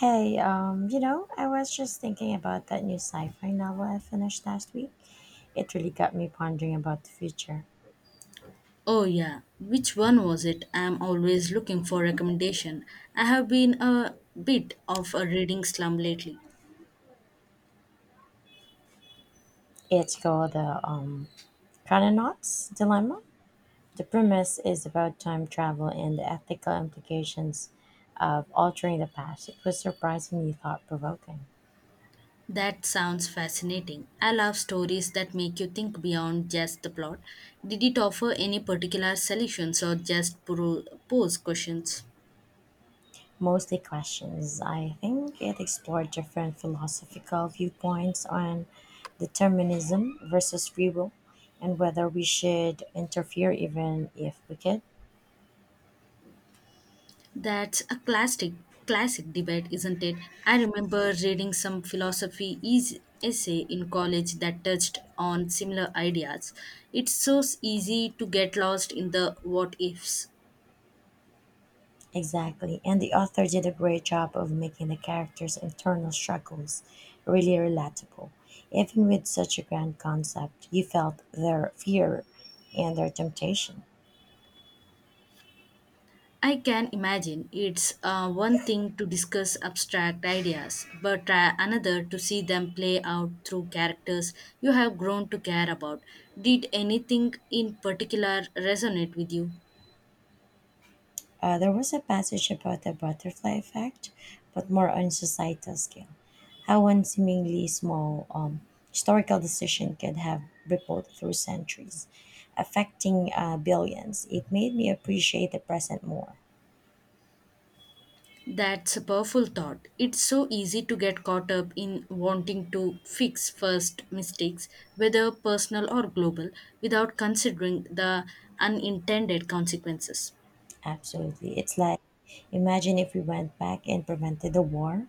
Hey, I was just thinking about that new sci-fi novel I finished last week. It really got me pondering about the future. Oh yeah, which one was it? I'm always looking for recommendation. I have been a bit of a reading slum lately. It's called the Chrononauts Dilemma. The premise is about time travel and the ethical implications of altering the past. It was surprisingly thought-provoking. That sounds fascinating. I love stories that make you think beyond just the plot. Did it offer any particular solutions or just pose questions? Mostly questions. I think it explored different philosophical viewpoints on determinism versus free will and whether we should interfere even if we could. That's a classic debate, isn't it? I remember reading some philosophy is essay in college that touched on similar ideas. It's so easy to get lost in the what ifs. Exactly. And the author did a great job of making the characters' internal struggles really relatable. Even with such a grand concept, you felt their fear and their temptation. I can imagine it's one thing to discuss abstract ideas, but another to see them play out through characters you have grown to care about. Did anything in particular resonate with you? There was a passage about the butterfly effect, but more on societal scale. How one seemingly small historical decision could have rippled through centuries, affecting billions. It made me appreciate the present more. That's a powerful thought. It's so easy to get caught up in wanting to fix first mistakes, whether personal or global, without considering the unintended consequences. Absolutely. It's like, imagine if we went back and prevented the war,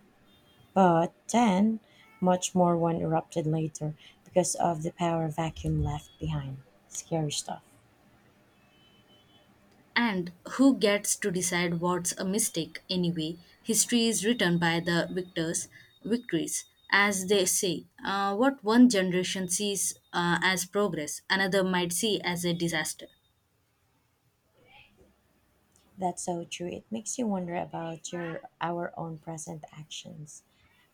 but then much more one erupted later because of the power vacuum left behind. Scary stuff. And who gets to decide what's a mistake anyway? History is written by the victors, victories, as they say. What one generation sees as progress, another might see as a disaster. That's so true. It makes you wonder about your our own present actions.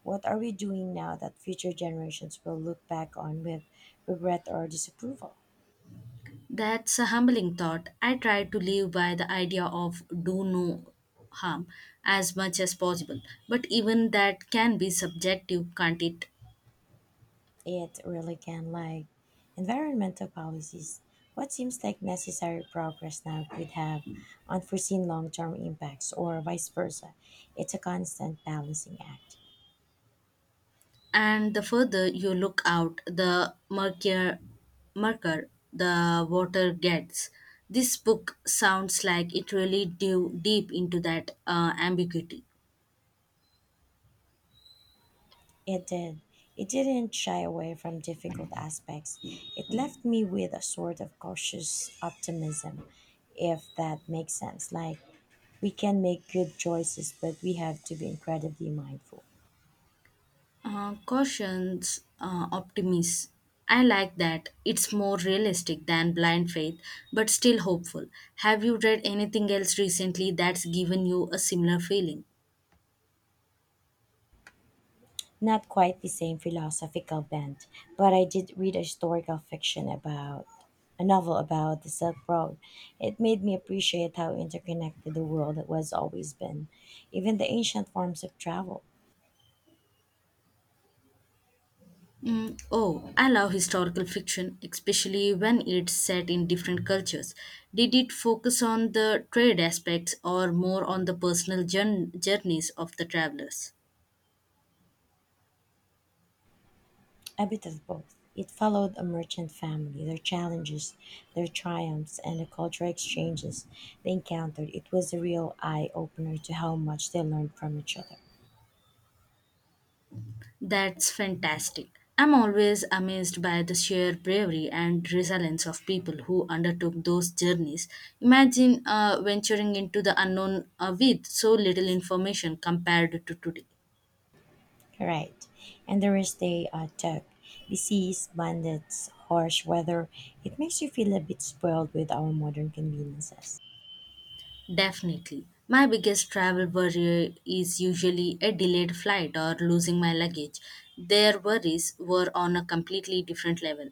What are we doing now that future generations will look back on with regret or disapproval? That's a humbling thought. I try to live by the idea of do no harm as much as possible, but even that can be subjective, can't it? It really can, like environmental policies. What seems like necessary progress now could have unforeseen long-term impacts or vice versa. It's a constant balancing act. And the further you look out, the murkier, murker the water gets. This book sounds like it really dove deep into that ambiguity. It did. It didn't shy away from difficult aspects. It left me with a sort of cautious optimism, if that makes sense. Like, we can make good choices, but we have to be incredibly mindful. Cautions, optimism. I like that. It's more realistic than blind faith, but still hopeful. Have you read anything else recently that's given you a similar feeling? Not quite the same philosophical bent, but I did read a historical fiction about a novel about the Silk Road. It made me appreciate how interconnected the world has always been, even the ancient forms of travel. Mm, oh, I love historical fiction, especially when it's set in different cultures. Did it focus on the trade aspects or more on the personal journeys of the travelers? A bit of both. It followed a merchant family, their challenges, their triumphs, and the cultural exchanges they encountered. It was a real eye opener to how much they learned from each other. That's fantastic. I'm always amazed by the sheer bravery and resilience of people who undertook those journeys. Imagine venturing into the unknown with so little information compared to today. Right. And the risk they took, disease, bandits, harsh weather. It makes you feel a bit spoiled with our modern conveniences. Definitely. My biggest travel worry is usually a delayed flight or losing my luggage. Their worries were on a completely different level.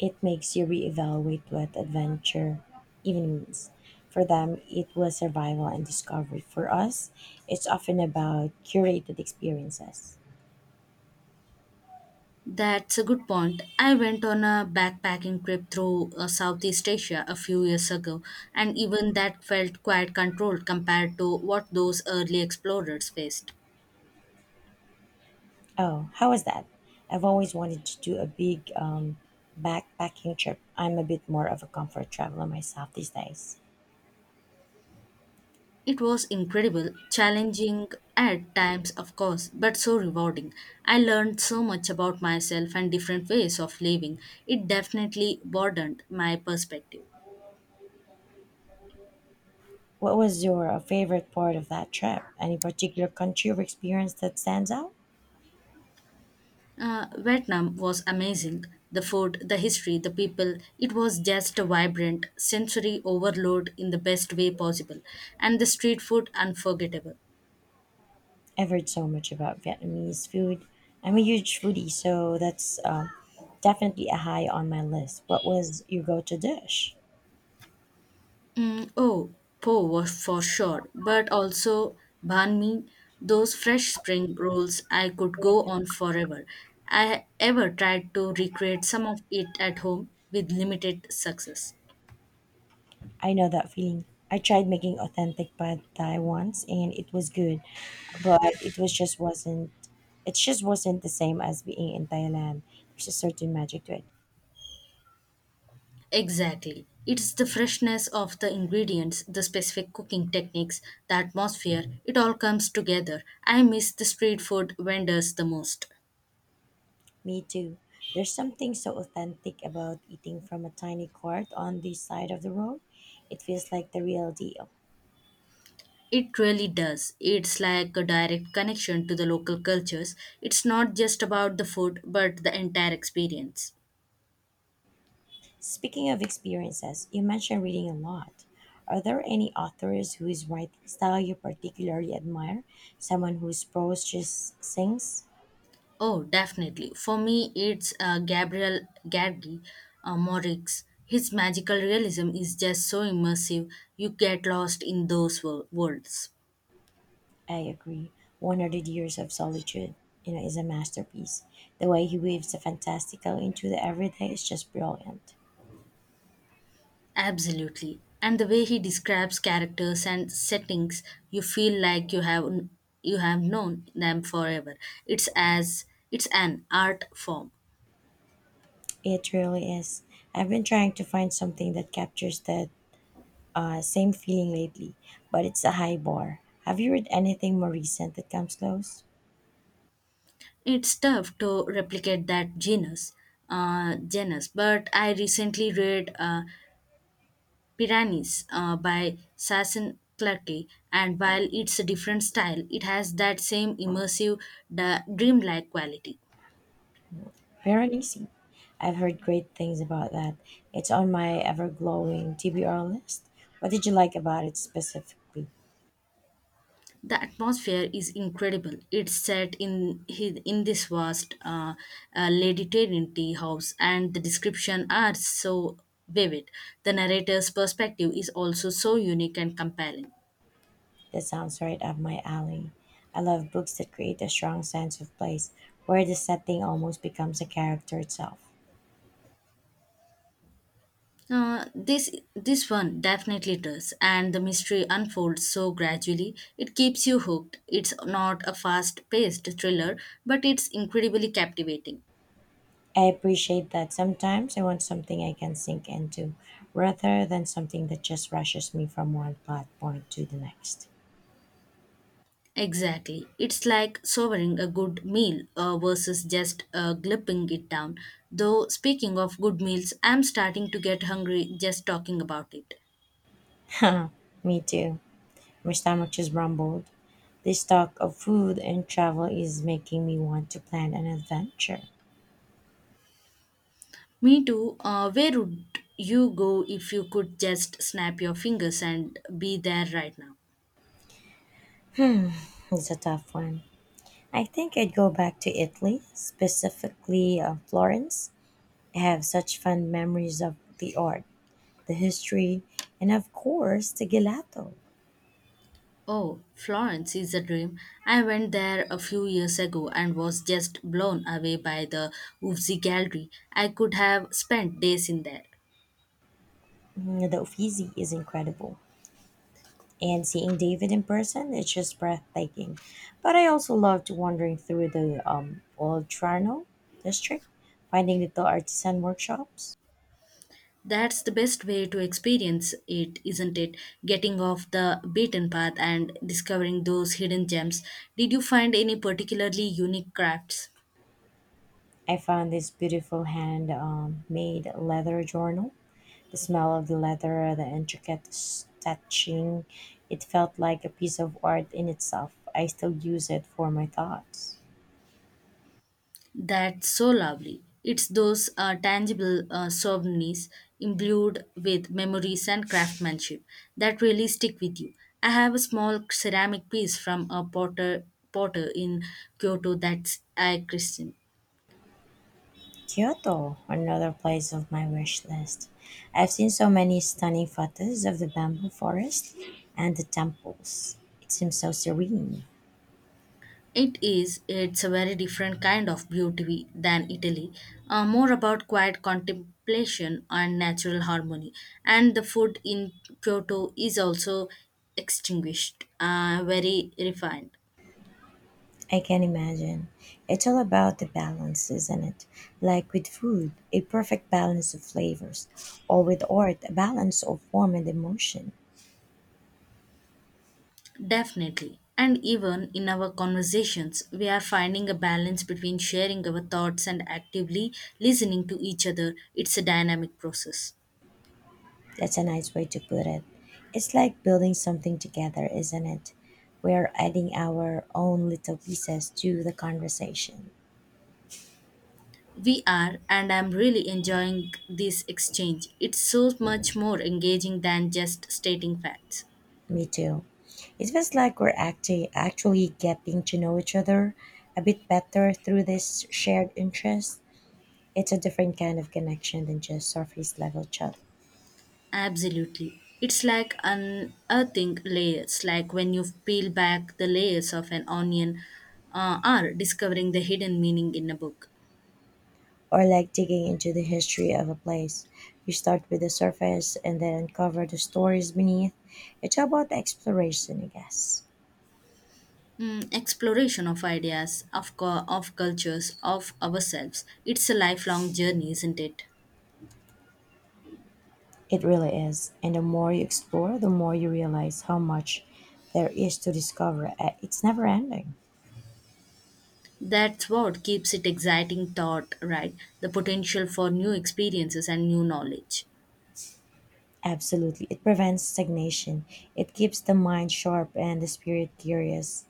It makes you reevaluate what adventure even means. For them, it was survival and discovery. For us, it's often about curated experiences. That's a good point. I went on a backpacking trip through Southeast Asia a few years ago, and even that felt quite controlled compared to what those early explorers faced. Oh, how was that? I've always wanted to do a big backpacking trip. I'm a bit more of a comfort traveler myself these days. It was incredible, challenging at times, of course, but so rewarding. I learned so much about myself and different ways of living. It definitely broadened my perspective. What was your favorite part of that trip? Any particular country or experience that stands out? Vietnam was amazing. The food, the history, the people. It was just a vibrant sensory overload in the best way possible. And the street food, unforgettable. I've heard so much about Vietnamese food. I'm a huge foodie, so that's definitely a high on my list. What was your go-to dish? Mm, oh, po was for sure, but also banh mi, those fresh spring rolls. I could go on forever. I ever tried to recreate some of it at home with limited success. I know that feeling. I tried making authentic pad thai once, and it was good, but it was just wasn't. It just wasn't the same as being in Thailand. There's a certain magic to it. Exactly. It's the freshness of the ingredients, the specific cooking techniques, the atmosphere, it all comes together. I miss the street food vendors the most. Me too. There's something so authentic about eating from a tiny cart on the side of the road. It feels like the real deal. It really does. It's like a direct connection to the local cultures. It's not just about the food, but the entire experience. Speaking of experiences, you mentioned reading a lot. Are there any authors whose writing style you particularly admire? Someone whose prose just sings? Oh, definitely. For me, it's Gabriel Gadgi Morix. His magical realism is just so immersive, you get lost in those worlds. I agree. 100 Years of Solitude, is a masterpiece. The way he weaves the fantastical into the everyday is just brilliant. Absolutely. And the way he describes characters and settings, you feel like you have known them forever. It's as it's an art form. It really is. I've been trying to find something that captures that same feeling lately, but it's a high bar. Have you read anything more recent that comes close? It's tough to replicate that genus, genus. But I recently read Piranhas by Sassen Clarke, and while it's a different style, it has that same immersive, dreamlike quality. Piranesi. I've heard great things about that. It's on my ever glowing TBR list. What did you like about it specifically? The atmosphere is incredible. It's set in in this vast Lady Trinity tea house, and the description are so vivid. The narrator's perspective is also so unique and compelling. That sounds right up my alley. I love books that create a strong sense of place, where the setting almost becomes a character itself. This one definitely does, and the mystery unfolds so gradually. It keeps you hooked. It's not a fast-paced thriller, but it's incredibly captivating. I appreciate that sometimes I want something I can sink into, rather than something that just rushes me from one plot point to the next. Exactly. It's like savoring a good meal versus just gulping it down. Though, speaking of good meals, I'm starting to get hungry just talking about it. Me too. My stomach just rumbled. This talk of food and travel is making me want to plan an adventure. Me too. Where would you go if you could just snap your fingers and be there right now? It's a tough one. I think I'd go back to Italy, specifically Florence. I have such fond memories of the art, the history, and of course, the gelato. Oh, Florence is a dream. I went there a few years ago and was just blown away by the Uffizi Gallery. I could have spent days in there. Mm, the Uffizi is incredible. And seeing David in person, it's just breathtaking. But I also loved wandering through the Old Trano district, finding little artisan workshops. That's the best way to experience it, isn't it? Getting off the beaten path and discovering those hidden gems. Did you find any particularly unique crafts? I found this beautiful hand made leather journal. The smell of the leather, the intricate stitching, it felt like a piece of art in itself. I still use it for my thoughts. That's so lovely. It's those tangible souvenirs imbued with memories and craftsmanship that really stick with you. I have a small ceramic piece from a potter in Kyoto that's I christened. Kyoto, another place of my wish list. I've seen so many stunning photos of the bamboo forest and the temples. It seems so serene. It is. It's a very different kind of beauty than Italy, more about quiet contemplation and natural harmony. And the food in Kyoto is also extinguished, very refined. I can imagine. It's all about the balance, isn't it? Like with food, a perfect balance of flavors, or with art, a balance of form and emotion. Definitely. And even in our conversations, we are finding a balance between sharing our thoughts and actively listening to each other. It's a dynamic process. That's a nice way to put it. It's like building something together, isn't it? We're adding our own little pieces to the conversation. We are, and I'm really enjoying this exchange. It's so much more engaging than just stating facts. Me too. It feels like actually getting to know each other a bit better through this shared interest. It's a different kind of connection than just surface level chat. Absolutely. It's like unearthing layers, like when you peel back the layers of an onion or discovering the hidden meaning in a book. Or like digging into the history of a place. You start with the surface and then uncover the stories beneath. It's about exploration, I guess. Mm, exploration of ideas, of cultures, of ourselves. It's a lifelong journey, isn't it? It really is. And the more you explore, the more you realize how much there is to discover. It's never ending. That's what keeps it exciting thought, right? The potential for new experiences and new knowledge. Absolutely. It prevents stagnation, it keeps the mind sharp and the spirit curious.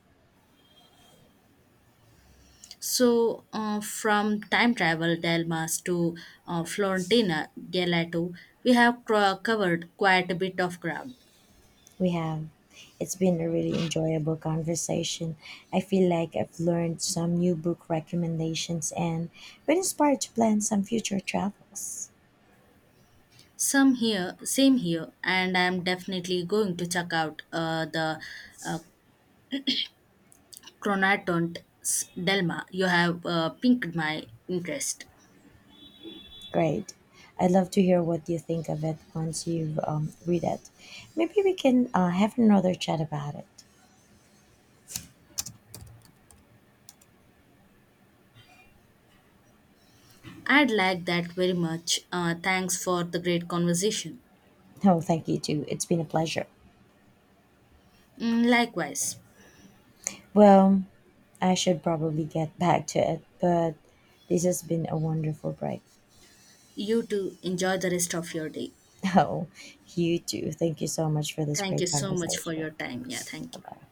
So from time travel dilemmas to Florentina gelato, we have covered quite a bit of ground. We have. It's been a really enjoyable conversation. I feel like I've learned some new book recommendations and been inspired to plan some future travels. Some here, same here, and I'm definitely going to check out the uh, Chronatont Delma. You have piqued my interest. Great. I'd love to hear what you think of it once you've read it. Maybe we can have another chat about it. I'd like that very much. Thanks for the great conversation. Oh, thank you too. It's been a pleasure. Mm, likewise, Well, I should probably get back to it, but this has been a wonderful break. you too. Enjoy the rest of your day. Oh, you too. Thank you so much for this Thank you great so much for conversation. your time. Yeah, thank Bye you. bye.